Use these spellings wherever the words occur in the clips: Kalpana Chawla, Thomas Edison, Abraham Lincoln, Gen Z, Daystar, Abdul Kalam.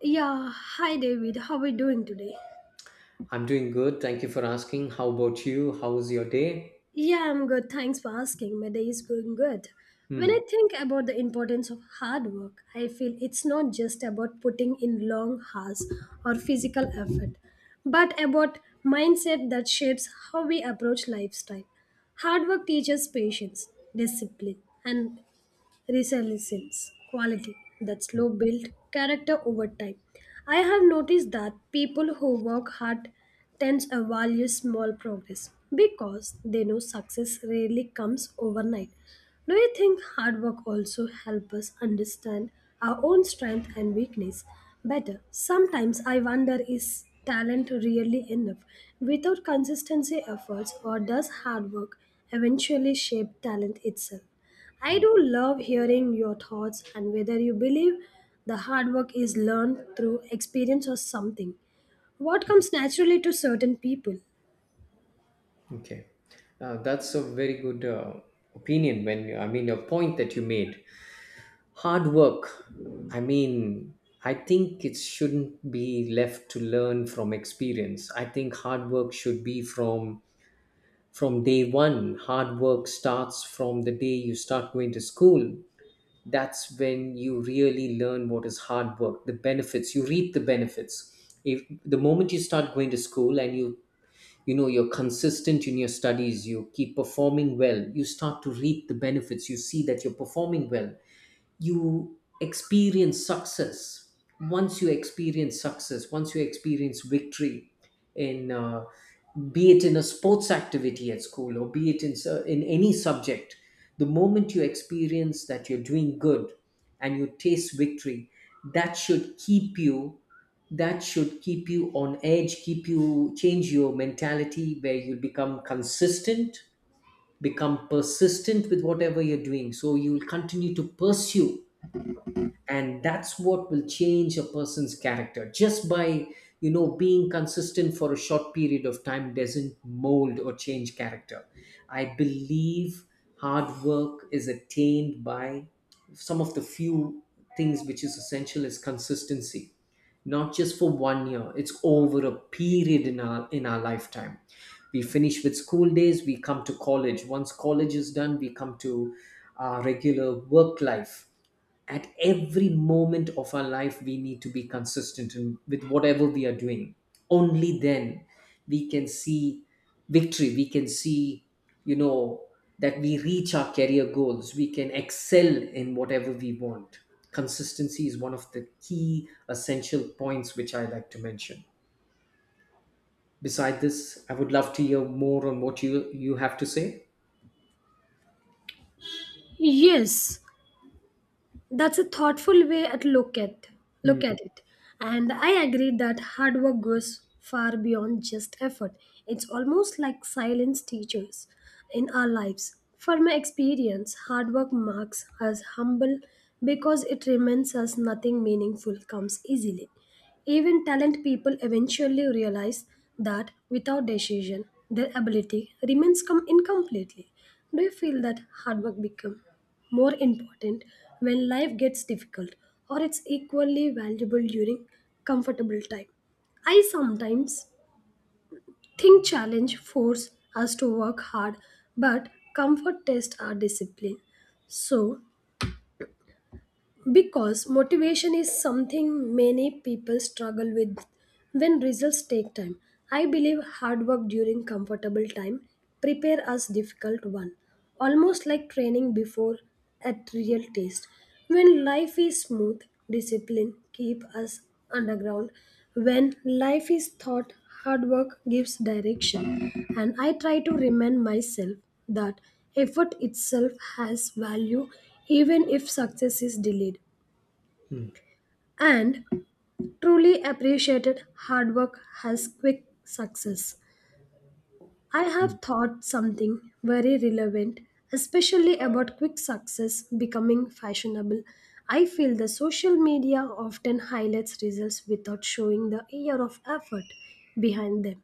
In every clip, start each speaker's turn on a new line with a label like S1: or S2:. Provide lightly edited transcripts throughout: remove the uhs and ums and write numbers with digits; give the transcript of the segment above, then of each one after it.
S1: Yeah, hi David. How are you doing today?
S2: I'm doing good. Thank you for asking. How about you? How's your day?
S1: Yeah, I'm good. Thanks for asking. My day is going good. When
S2: Hmm.
S1: I think about the importance of hard work, I feel it's not just about putting in long hours or physical effort, but about mindset that shapes how we approach lifestyle. Hard work teaches patience, discipline, and resilience, quality that
S2: Hmm.
S1: slow build character over time. I have noticed that people who work hard tend to value small progress because they know success rarely comes overnight. Do you think hard work also helps us understand our own strength and weakness better? Sometimes I wonder, is talent really enough without consistency efforts, or does hard work eventually shape talent itself? I
S2: Hmm.
S1: do love hearing your thoughts and whether you believe the hard work is learned through experience or something. What comes naturally to certain people?
S2: Okay. That's a very good opinion. When I mean a point that you made, hard work. I mean, I think it shouldn't be left to learn from experience. I think hard work should be from day one. Hard work starts from the day you start going to school. That's when you really learn what is hard work, the benefits you reap, the benefits. If the moment you start going to school and you're consistent in your studies, you keep performing well, you start to reap the benefits, you see that you're performing well, you experience success. Once you experience success, once you experience victory in, be it in a sports activity at school, or be it in any subject, the moment you experience that you're doing good and you taste victory, that should keep you that should keep you on edge, keep you, change your mentality where you become consistent, become persistent with whatever you're doing, so you'll continue to pursue. And that's what will change a person's character, just by being consistent for a short period of time doesn't mold or change character. I believe hard work is attained by some of the few things which is essential is consistency. Not just for one year, it's over a period in our lifetime. We finish with school days, we come to college. Once college is done, we come to our regular work life. At every moment of our life, we need to be consistent in, with whatever we are doing. Only then we can see victory, we can see, you know that we reach our career goals, we can excel in whatever we want. Consistency is one of the key essential points which I like to mention. Beside this, I would love to hear more on what you have to say.
S1: Yes, that's a thoughtful way at look at look
S2: Hmm,
S1: at it, and I agree that hard work goes far beyond just effort. It's almost like silence teachers in our lives. From my experience, hard work marks us humble because it reminds us nothing meaningful comes easily. Even talent people eventually realize that without decision their ability remains come incompletely. Do you feel that hard work become more important when life gets difficult, or it's equally valuable during comfortable time? I sometimes think challenge force us to work hard, but comfort tests our discipline. So because motivation is something many people struggle with when results take time. I believe hard work during comfortable time prepare us difficult one, almost like training before a real test. When life is smooth, discipline keep us underground. When life is thought, hard work gives direction, and I try to remind myself that effort itself has value even if success is delayed.
S2: hmm,
S1: And truly appreciated hard work has quick success. I have
S2: hmm,
S1: thought something very relevant, especially about quick success becoming fashionable. I feel the social media often highlights results without showing the year of effort behind them,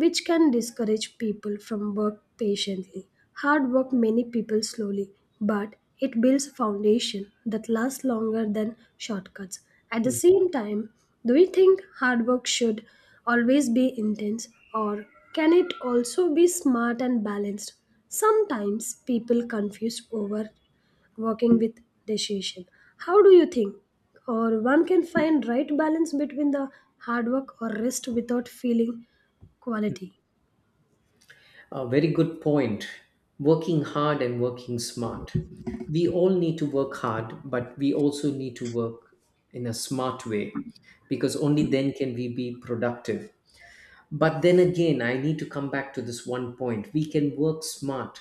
S1: which can discourage people from work patiently. Hard work many people slowly, but it builds a foundation that lasts longer than shortcuts. At the
S2: hmm.
S1: same time, do you think hard work should always be intense, or can it also be smart and balanced? Sometimes people confuse over working with decision. How do you think? Or one can find right balance between the hard work or rest without feeling quality.
S2: A very good point. Working hard and working smart. We all need to work hard, but we also need to work in a smart way, because only then can we be productive. But then again, I need to come back to this one point. We can work smart,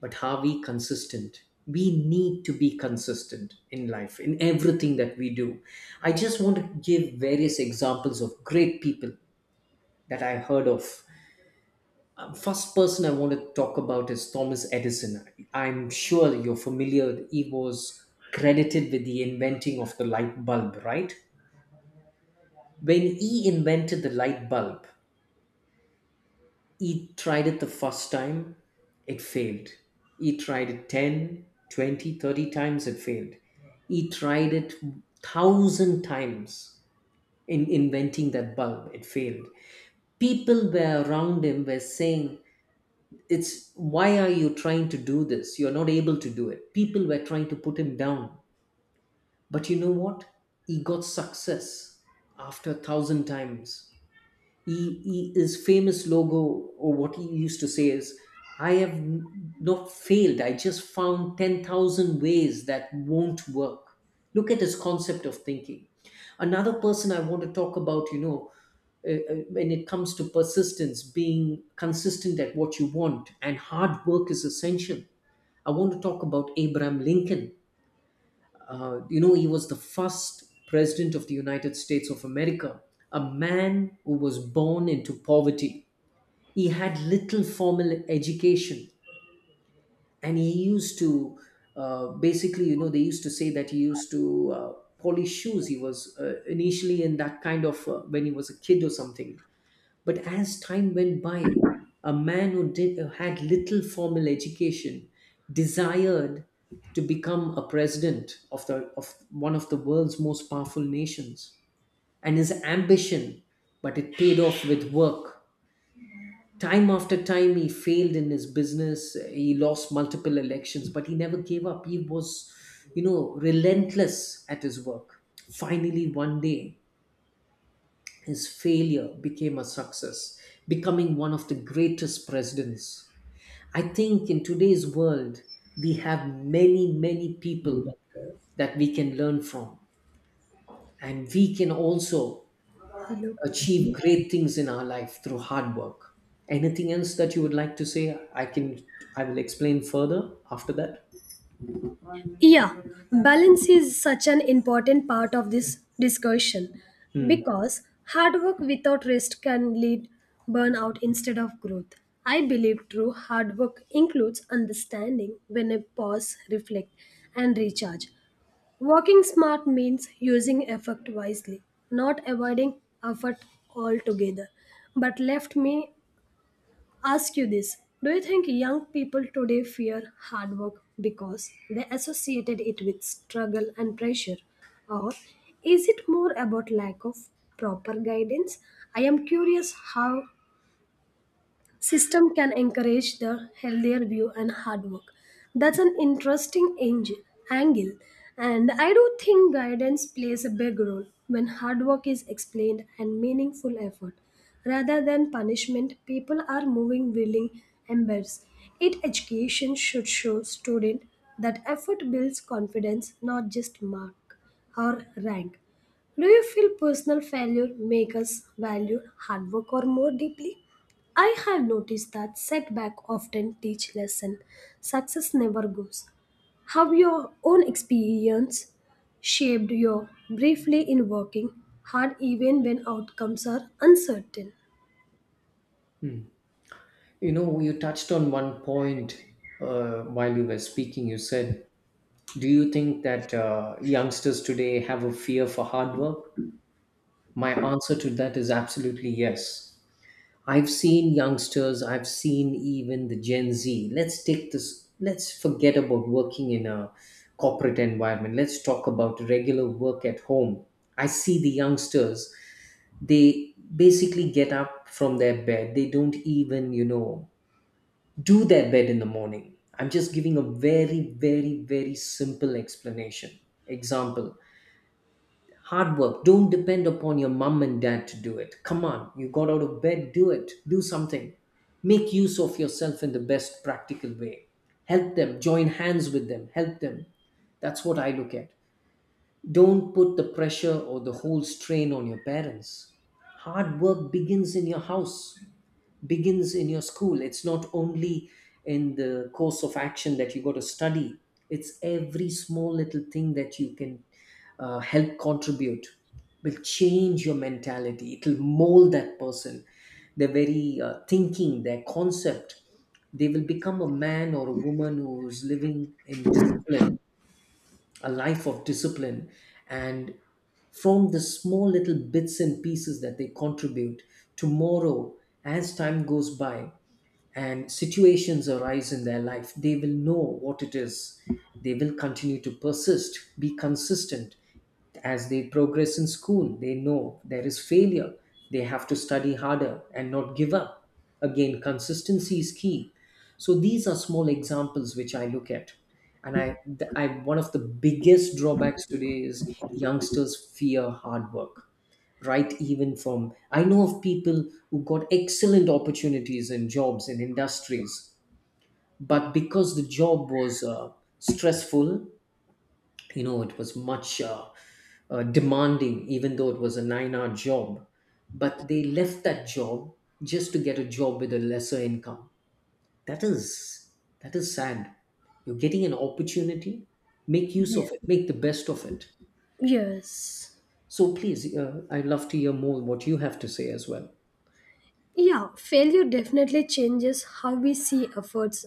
S2: but are we consistent? We need to be consistent in life, in everything that we do. I just want to give various examples of great people that I heard of. First person I want to talk about is Thomas Edison. I'm sure you're familiar. He was credited with the inventing of the light bulb, right? When he invented the light bulb, he tried it the first time, it failed. He tried it 10, 20, 30 times, it failed. He tried it 1,000 times in inventing that bulb, it failed. People were around him were saying, it's why are you trying to do this, you're not able to do it. People were trying to put him down, but you know what? He got success after a thousand times. His famous logo, or what he used to say is, I have not failed. I just found 10,000 ways that won't work. Look at his concept of thinking. Another person I want to talk about, when it comes to persistence, being consistent at what you want, and hard work is essential. I want to talk about Abraham Lincoln. He was the first president of the United States of America, a man who was born into poverty. He had little formal education, and he used to, basically, they used to say that he used to, polish shoes. He was, initially in that kind of, when he was a kid or something. But as time went by, a man who did, who had little formal education, desired to become a president of one of the world's most powerful nations. And his ambition, but it paid off with work. Time after time, he failed in his business. He lost multiple elections, but he never gave up. He was, relentless at his work. Finally, one day, his failure became a success, becoming one of the greatest presidents. I think in today's world, we have many, many people that we can learn from, and we can also achieve great things in our life through hard work. Anything else that you would like to say? I will explain further after that.
S1: Yeah, balance is such an important part of this discussion
S2: Hmm.
S1: because hard work without rest can lead burnout instead of growth. I believe true hard work includes understanding when I pause, reflect, and recharge. Working smart means using effort wisely, not avoiding effort altogether, but left me ask you this. Do you think young people today fear hard work because they associated it with struggle and pressure? Or is it more about lack of proper guidance? I am curious how system can encourage the healthier view and hard work. That's an interesting angle. And I do think guidance plays a big role when hard work is explained and meaningful effort rather than punishment. People are moving willing embers. It education should show student that effort builds confidence, not just mark or rank. Do you feel personal failure make us value hard work or more deeply? I have noticed that setback often teach lesson. Success never goes. How your own experience shaped you briefly in working hard even when outcomes are uncertain?
S2: You know, you touched on one point, while you were speaking. You said, do you think that youngsters today have a fear for hard work? My answer to that is absolutely yes. I've seen youngsters, I've seen even the Gen Z. Let's take this, let's forget about working in a corporate environment. Let's talk about regular work at home. I see the youngsters, they basically get up from their bed. They don't even, do their bed in the morning. I'm just giving a very, very, very simple explanation. Example, hard work. Don't depend upon your mom and dad to do it, come on, you got out of bed, do it, do something. Make use of yourself in the best practical way. Help them, join hands with them, help them. That's what I look at. Don't put the pressure or the whole strain on your parents. Hard work begins in your house, begins in your school. It's not only in the course of action that you got to study, it's every small little thing that you can, help contribute, will change your mentality. It will mold that person, their very, thinking, their concept. They will become a man or a woman who's living in discipline, a life of discipline, and from the small little bits and pieces that they contribute, tomorrow, as time goes by and situations arise in their life, they will know what it is. They will continue to persist, be consistent. As they progress in school, they know there is failure. They have to study harder and not give up. Again, consistency is key. So these are small examples which I look at. And I one of the biggest drawbacks today is youngsters fear hard work, right? Even from I know of people who got excellent opportunities in jobs in industries, but because the job was, stressful, it was much, demanding, even though it was a 9-hour job, but they left that job just to get a job with a lesser income. That is that is sad. You're getting an opportunity, make use
S1: Yeah.
S2: of it, make the best of it.
S1: Yes.
S2: So please, I'd love to hear more what you have to say as well.
S1: Yeah, failure definitely changes how we see efforts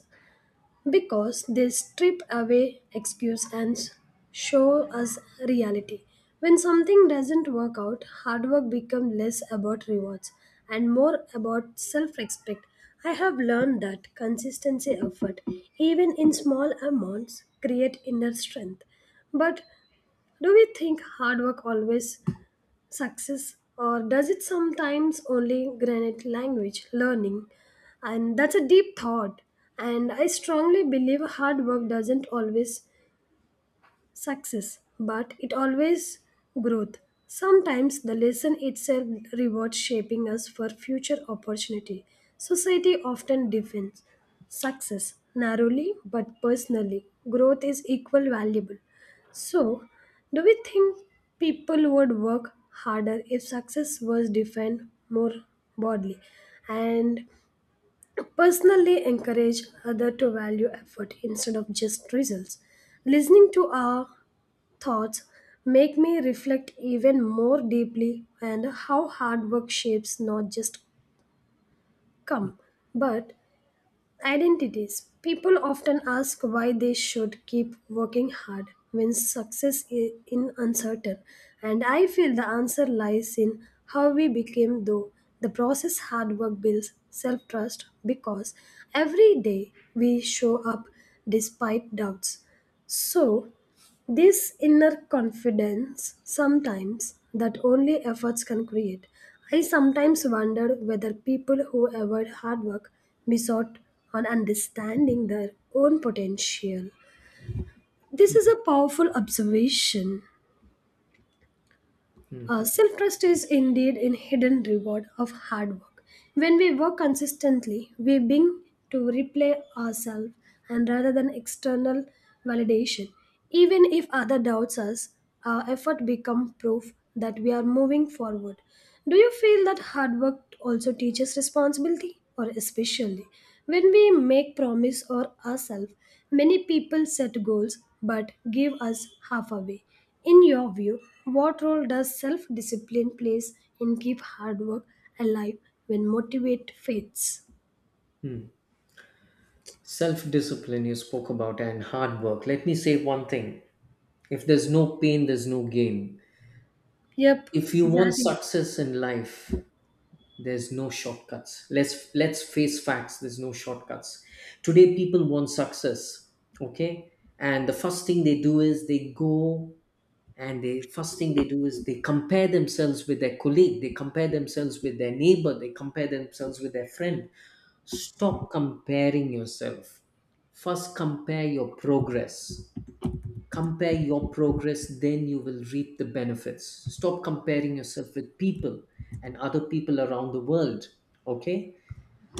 S1: because they strip away excuse and show us reality. When something doesn't work out, hard work becomes less about rewards and more about self-respect. I have learned that consistency effort, even in small amounts, create inner strength. But do we think hard work always success, or does it sometimes only granite language learning? And that's a deep thought, and I strongly believe hard work doesn't always success, but it always growth. Sometimes the lesson itself rewards shaping us for future opportunity. Society often defines success narrowly, but personally, growth is equal valuable. So, do we think people would work harder if success was defined more broadly and personally encourage other to value effort instead of just results? Listening to our thoughts make me reflect even more deeply and how hard work shapes not just come but identities. People often ask why they should keep working hard when success is uncertain, and I feel the answer lies in how we became though the process. Hard work builds self trust because every day we show up despite doubts. So this inner confidence, sometimes, that only efforts can create. I sometimes wonder whether people who avoid hard work miss out on understanding their own potential. This is a powerful observation.
S2: Hmm,
S1: Self trust is indeed a hidden reward of hard work. When we work consistently, we begin to replay ourselves and rather than external validation. Even if other doubts us, our effort become proof that we are moving forward. Do you feel that hard work also teaches responsibility, or especially when we make promise or ourselves? Many people set goals but give us half away. In your view, what role does self discipline plays in keep hard work alive when motivate fades?
S2: hmm. Self-discipline you spoke about and hard work, let me say one thing. If there's no pain, there's no gain.
S1: Yep,
S2: If you want
S1: exactly.
S2: success in life, there's no shortcuts. Let's face facts, there's no shortcuts. Today people want success, okay, and the first thing they do is they go, and the first thing they do is they compare themselves with their colleague, they compare themselves with their neighbor, they compare themselves with their friend. Stop comparing yourself, first compare your progress. Compare your progress, then you will reap the benefits. Stop comparing yourself with people and other people around the world, okay.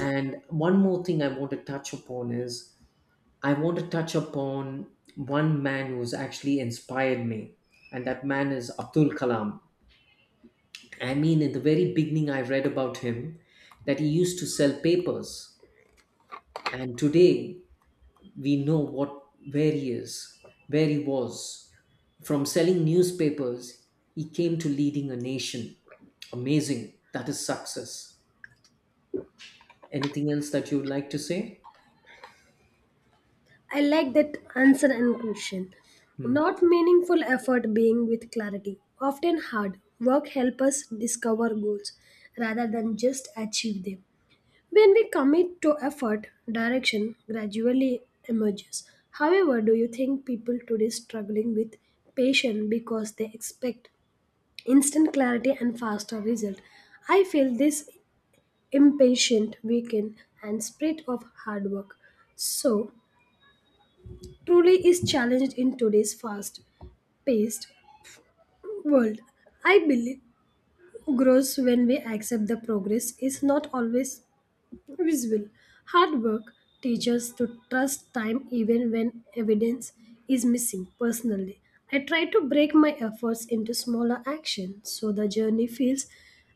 S2: And one more thing I want to touch upon is, I want to touch upon one man who's actually inspired me. And that man is Abdul Kalam. I mean, in the very beginning I read about him that he used to sell papers. And today we know what where he is, where he was. From selling newspapers, he came to leading a nation. Amazing. That is success. Anything else that you would like to say?
S1: I like that answer and question.
S2: Hmm.
S1: Not meaningful effort being with clarity. Often hard work help us discover goals rather than just achieve them. When we commit to effort, direction gradually emerges. However, do you think people today struggling with patience because they expect instant clarity and faster result? I feel this impatient weekend and spirit of hard work. So truly is challenged in today's fast paced world. I believe grows when we accept the progress is not always visible. Hard work teaches to trust time even when evidence is missing. Personally, I try to break my efforts into smaller actions so the journey feels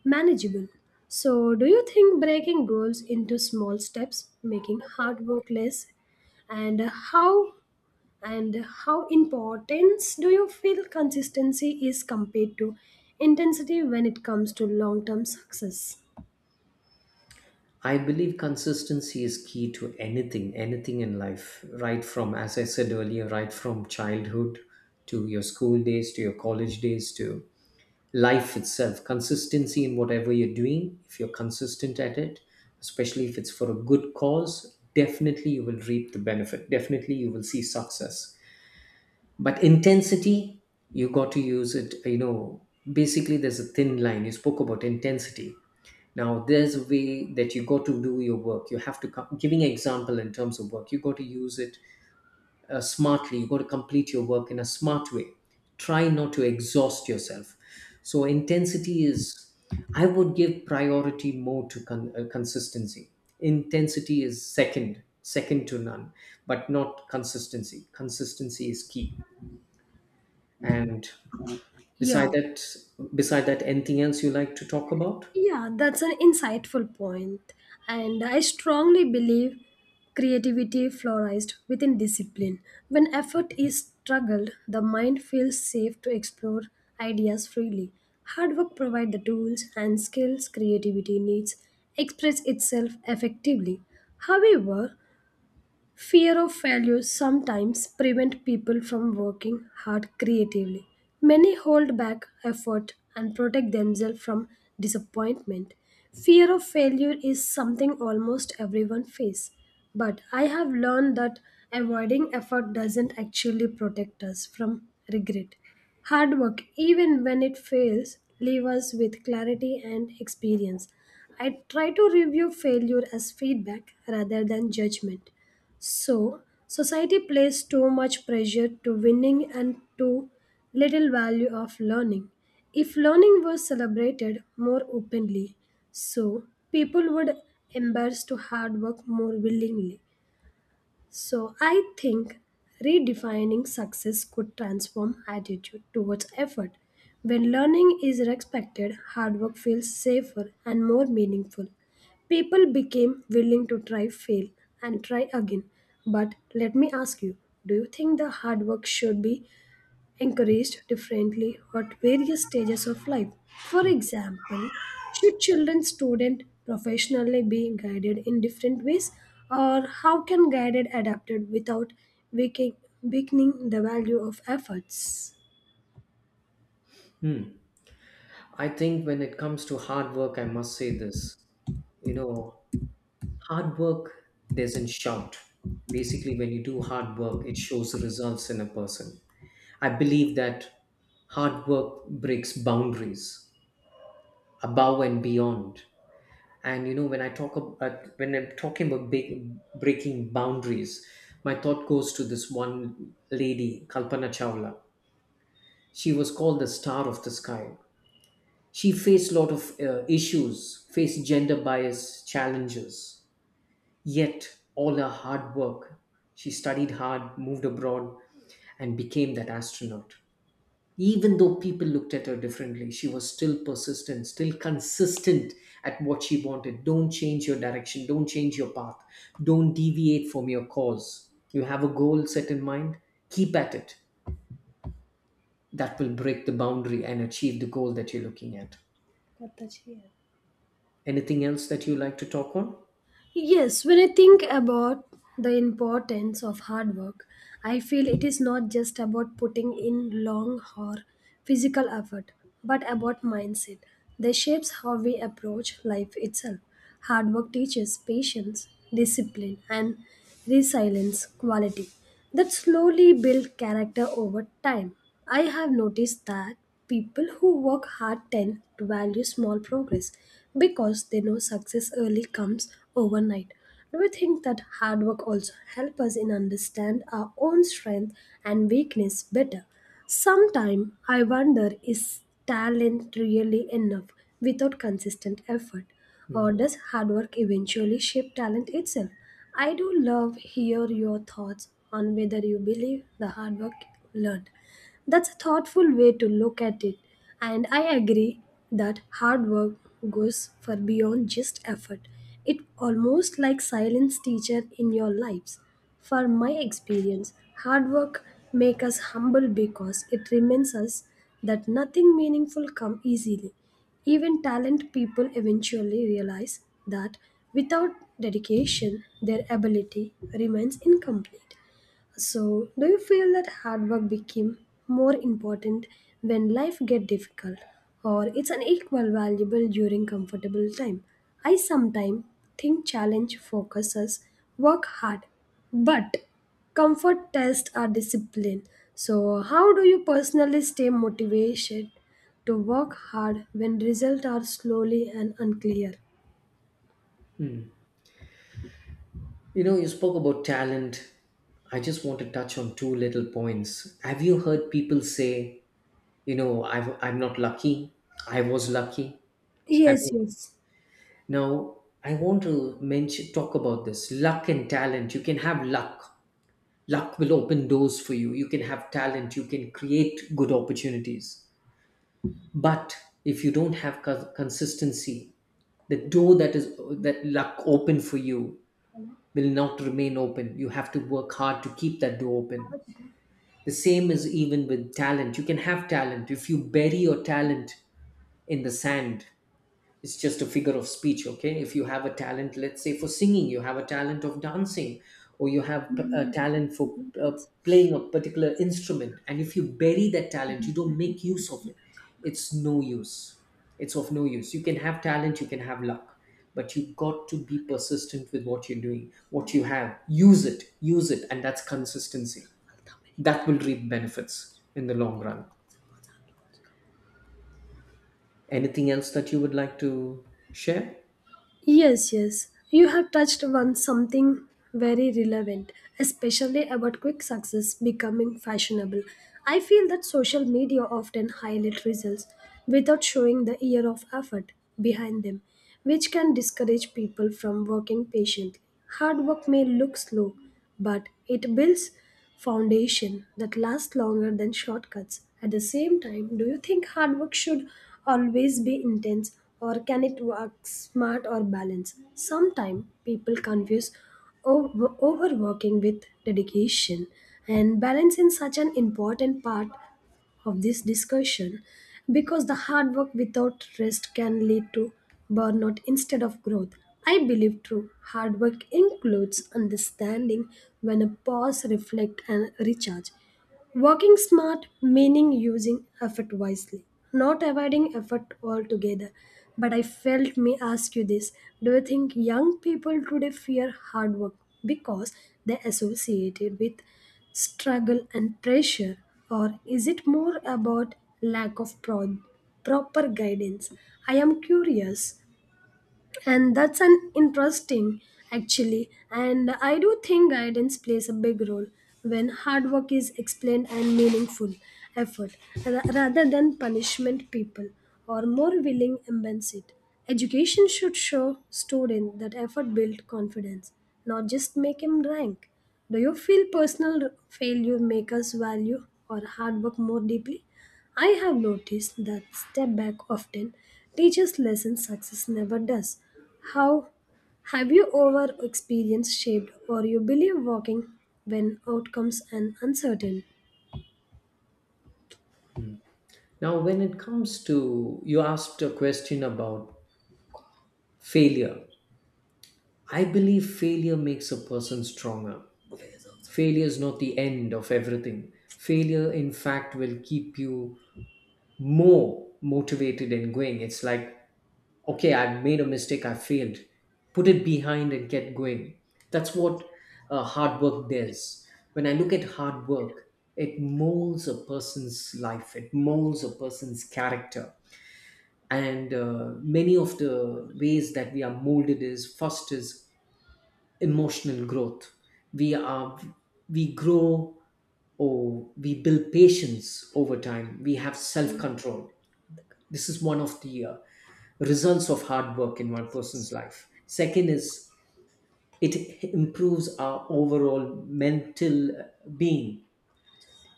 S1: manageable. So, do you think breaking goals into small steps making hard work less? And how how important do you feel consistency is compared to intensity when it comes to long term success?
S2: I believe consistency is key to anything, anything in life, right from, as I said earlier, right from childhood to your school days, to your college days, to life itself. Consistency in whatever you're doing, if you're consistent at it, especially if it's for a good cause, definitely you will reap the benefit. Definitely you will see success. But intensity, you got to use it. Basically there's a thin line. You spoke about intensity. Now there's a way that you got to do your work, you have to come giving an example in terms of work, you got to use it, smartly. You've got to complete your work in a smart way. Try not to exhaust yourself. So intensity is, I would give priority more to consistency. Intensity is second, second to none, but not consistency. Consistency is key. And beside
S1: Yeah.
S2: that, beside that, anything else you like to talk about?
S1: Yeah, that's an insightful point. And I strongly believe creativity flourished within discipline. When effort is struggled, the mind feels safe to explore ideas freely. Hard work provides the tools and skills creativity needs express itself effectively. However, fear of failure sometimes prevent people from working hard creatively. Many hold back effort and protect themselves from disappointment. Fear of failure is something almost everyone faces, but I have learned that avoiding effort doesn't actually protect us from regret. Hard work, even when it fails, leaves us with clarity and experience. I try to review failure as feedback rather than judgment. So, society places too much pressure to winning and too little value of learning. If learning was celebrated more openly, so people would embrace to hard work more willingly. So I think redefining success could transform attitude towards effort. When learning is respected, hard work feels safer and more meaningful. People became willing to try, fail, and try again. But let me ask you, do you think the hard work should be encouraged differently at various stages of life? For example, should children, student, professionally be guided in different ways, or how can guided adapted without weakening weakening the value of efforts?
S2: Hmm. I think when it comes to hard work, I must say this. You know, Hard work doesn't shout. Basically, when you do hard work, it shows results in a person. I believe that hard work breaks boundaries above and beyond. And you know, when I talk about when I'm talking about big, breaking boundaries, my thought goes to this one lady, Kalpana Chawla. She was called the star of the sky. She faced a lot of issues, faced gender bias challenges, yet, all her hard work, she studied hard, moved abroad, and became that astronaut. Even though people looked at her differently, she was still persistent, still consistent at what she wanted. Don't change your direction, don't change your path, don't deviate from your cause. You have a goal set in mind, keep at it. That will break the boundary and achieve the goal that you're looking at.
S1: करता चाहिए।
S2: Anything else that you like to talk on?
S1: Yes, when I think about the importance of hard work, I feel it is not just about putting in long or physical effort, but about mindset that shapes how we approach life itself. Hard work teaches patience, discipline, and resilience quality that slowly build character over time. I have noticed that people who work hard tend to value small progress because they know success early comes overnight. Do you think that hard work also helps us in understand our own strength and weakness better? Sometimes I wonder, is talent really enough without consistent effort?
S2: Hmm.
S1: Or does hard work eventually shape talent itself? I do love hear your thoughts on whether you believe the hard work learned. That's a thoughtful way to look at it, and I agree that hard work goes far beyond just effort. It almost like silence teacher in your lives. For my experience, hard work make us humble because it reminds us that nothing meaningful come easily. Even talent people eventually realize that without dedication, their ability remains incomplete. So, do you feel that hard work became more important when life get difficult, or it's an equal valuable during comfortable time? I sometimes think challenge focuses work hard, but comfort test our discipline. So, how do you personally stay motivated to work hard when results are slowly and unclear?
S2: Hmm. You know, you spoke about talent. I just want to touch on two little points. Have you heard people say, you know, I'm not lucky? I was lucky. Have
S1: Yes,
S2: you? Now, I want to mention, talk about this luck and talent. You can have luck. Luck will open doors for you. You can have talent. You can create good opportunities. But if you don't have consistency, the door that is that luck opened for you will not remain open. You have to work hard to keep that door open. The same is even with talent. You can have talent. If you bury your talent in the sand, it's just a figure of speech. Okay, if you have a talent, let's say for singing, you have a talent of dancing, or you have a talent for
S1: yes.
S2: playing a particular instrument, and if you bury that talent, you don't make use of it, it's no use, it's of no use. You can have talent, you can have luck, but you got to be persistent with what you're doing, what you have. Use it, use it, and that's consistency that will reap benefits in the long run. Anything else that you would like to share?
S1: Yes, yes. You have touched on something very relevant, especially about quick success becoming fashionable. I feel that social media often highlight results without showing the year of effort behind them, which can discourage people from working patiently. Hard work may look slow, but it builds foundation that lasts longer than shortcuts. At the same time, do you think hard work should always be intense, or can it work smart or balance? Sometimes people confuse overworking with dedication and balance is such an important part of this discussion because the hard work without rest can lead to burnout instead of growth. I believe true hard work includes understanding when a pause, reflect, and recharge. Working smart, meaning using effort wisely, not avoiding effort altogether. But I felt me ask you this. Do you think young people today fear hard work because they associate it with struggle and pressure? Or is it more about lack of proper guidance? I am curious, and that's an interesting actually. And I do think guidance plays a big role when hard work is explained and meaningful effort rather than punishment. People are more willing to embrace it. Education should show students that effort builds confidence, not just make him rank. Do you feel personal failure make us value or hard work more deeply? I have noticed that step back often teaches lessons success never does. How have you over experienced shaped or you believe walking when outcomes and uncertain?
S2: Now, when it comes to, you asked a question about failure. I believe failure makes a person stronger. Failure is not the end of everything. Failure, in fact, will keep you more motivated and going. It's like, okay, I've made a mistake, I failed. Put it behind and get going. That's what hard work does. When I look at hard work, it molds a person's life, it molds a person's character, and many of the ways that we are molded, is first is emotional growth. we are we grow, or we build patience over time, we have self control. This is one of the results of hard work in one person's life. Second is, it improves our overall mental being.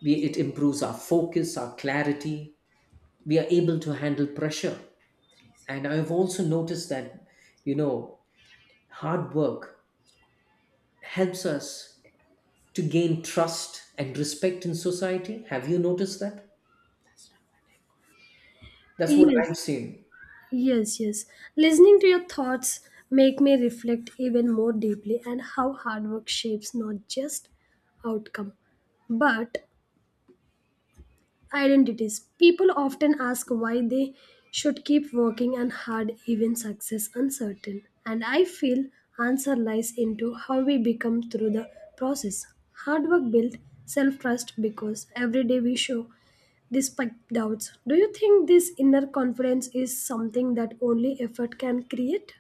S2: It improves our focus, our clarity, we are able to handle pressure. And I've also noticed that, you know, hard work helps us to gain trust and respect in society. Have you noticed that? That's what
S1: Yes,
S2: I've seen.
S1: yes, yes. Listening to your thoughts make me reflect even more deeply and how hard work shapes not just outcome but identities. People often ask why they should keep working and hard even success uncertain. And I feel answer lies into how we become through the process. Hard work built self-trust because every day we show despite doubts. Do you think this inner confidence is something that only effort can create?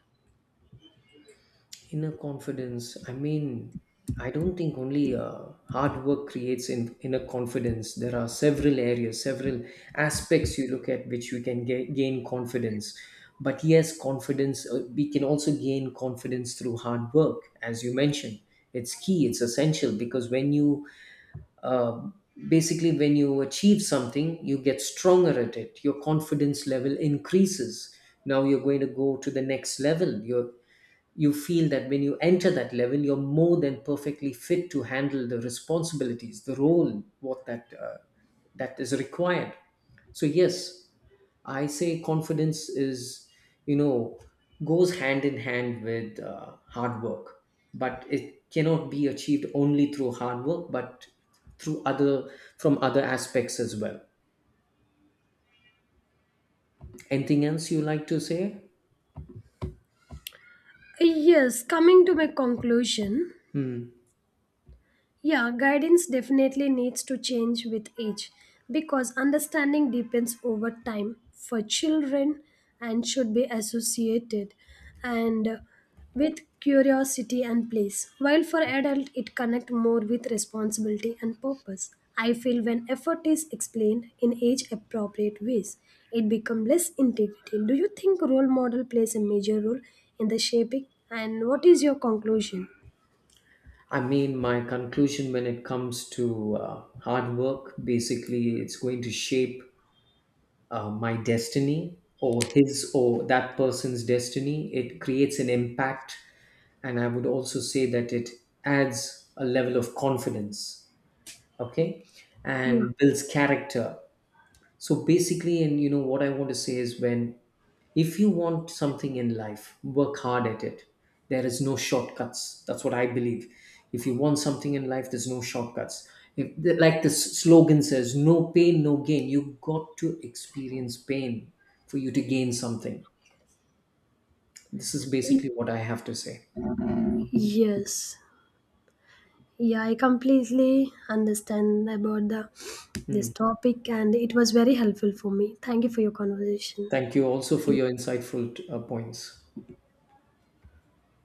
S2: Inner confidence. I mean, I don't think only hard work creates inner confidence. There are several areas, several aspects you look at which you can gain confidence. But yes, confidence, we can also gain confidence through hard work, as you mentioned. It's key, it's essential because when you um, basically when you achieve something, you get stronger at it, your confidence level increases. Now you're going to go to the next level, you feel that when you enter that level, you're more than perfectly fit to handle the responsibilities, the role, what that that is required. So yes, I say confidence is, you know, goes hand in hand with hard work, but it cannot be achieved only through hard work, but through other from other aspects as well. Anything else you like to say?
S1: Yes, coming to my conclusion,
S2: Hmm.
S1: yeah, guidance definitely needs to change with age because understanding deepens over time for children and should be associated and with curiosity and place, while for adult it connect more with responsibility and purpose. I feel when effort is explained in age appropriate ways, it becomes less integrity. Do you think role model plays a major role in the shaping, and what is your conclusion?
S2: I mean, my conclusion when it comes to hard work, basically, it's going to shape my destiny, or his, or that person's destiny. It creates an impact. And I would also say that it adds a level of confidence, okay,
S1: Yeah.
S2: and builds character. So basically, and you know what I want to say is, when, if you want something in life, work hard at it. There is no shortcuts. That's what I believe. If you want something in life, there's no shortcuts. If, like the slogan says, no pain, no gain. You got to experience pain for you to gain something. This is basically what I have to say.
S1: Yes. Yeah, I completely understand about the this
S2: Hmm.
S1: topic and it was very helpful for me. Thank you for your conversation.
S2: Thank you also
S1: Thank
S2: for
S1: you.
S2: your insightful points.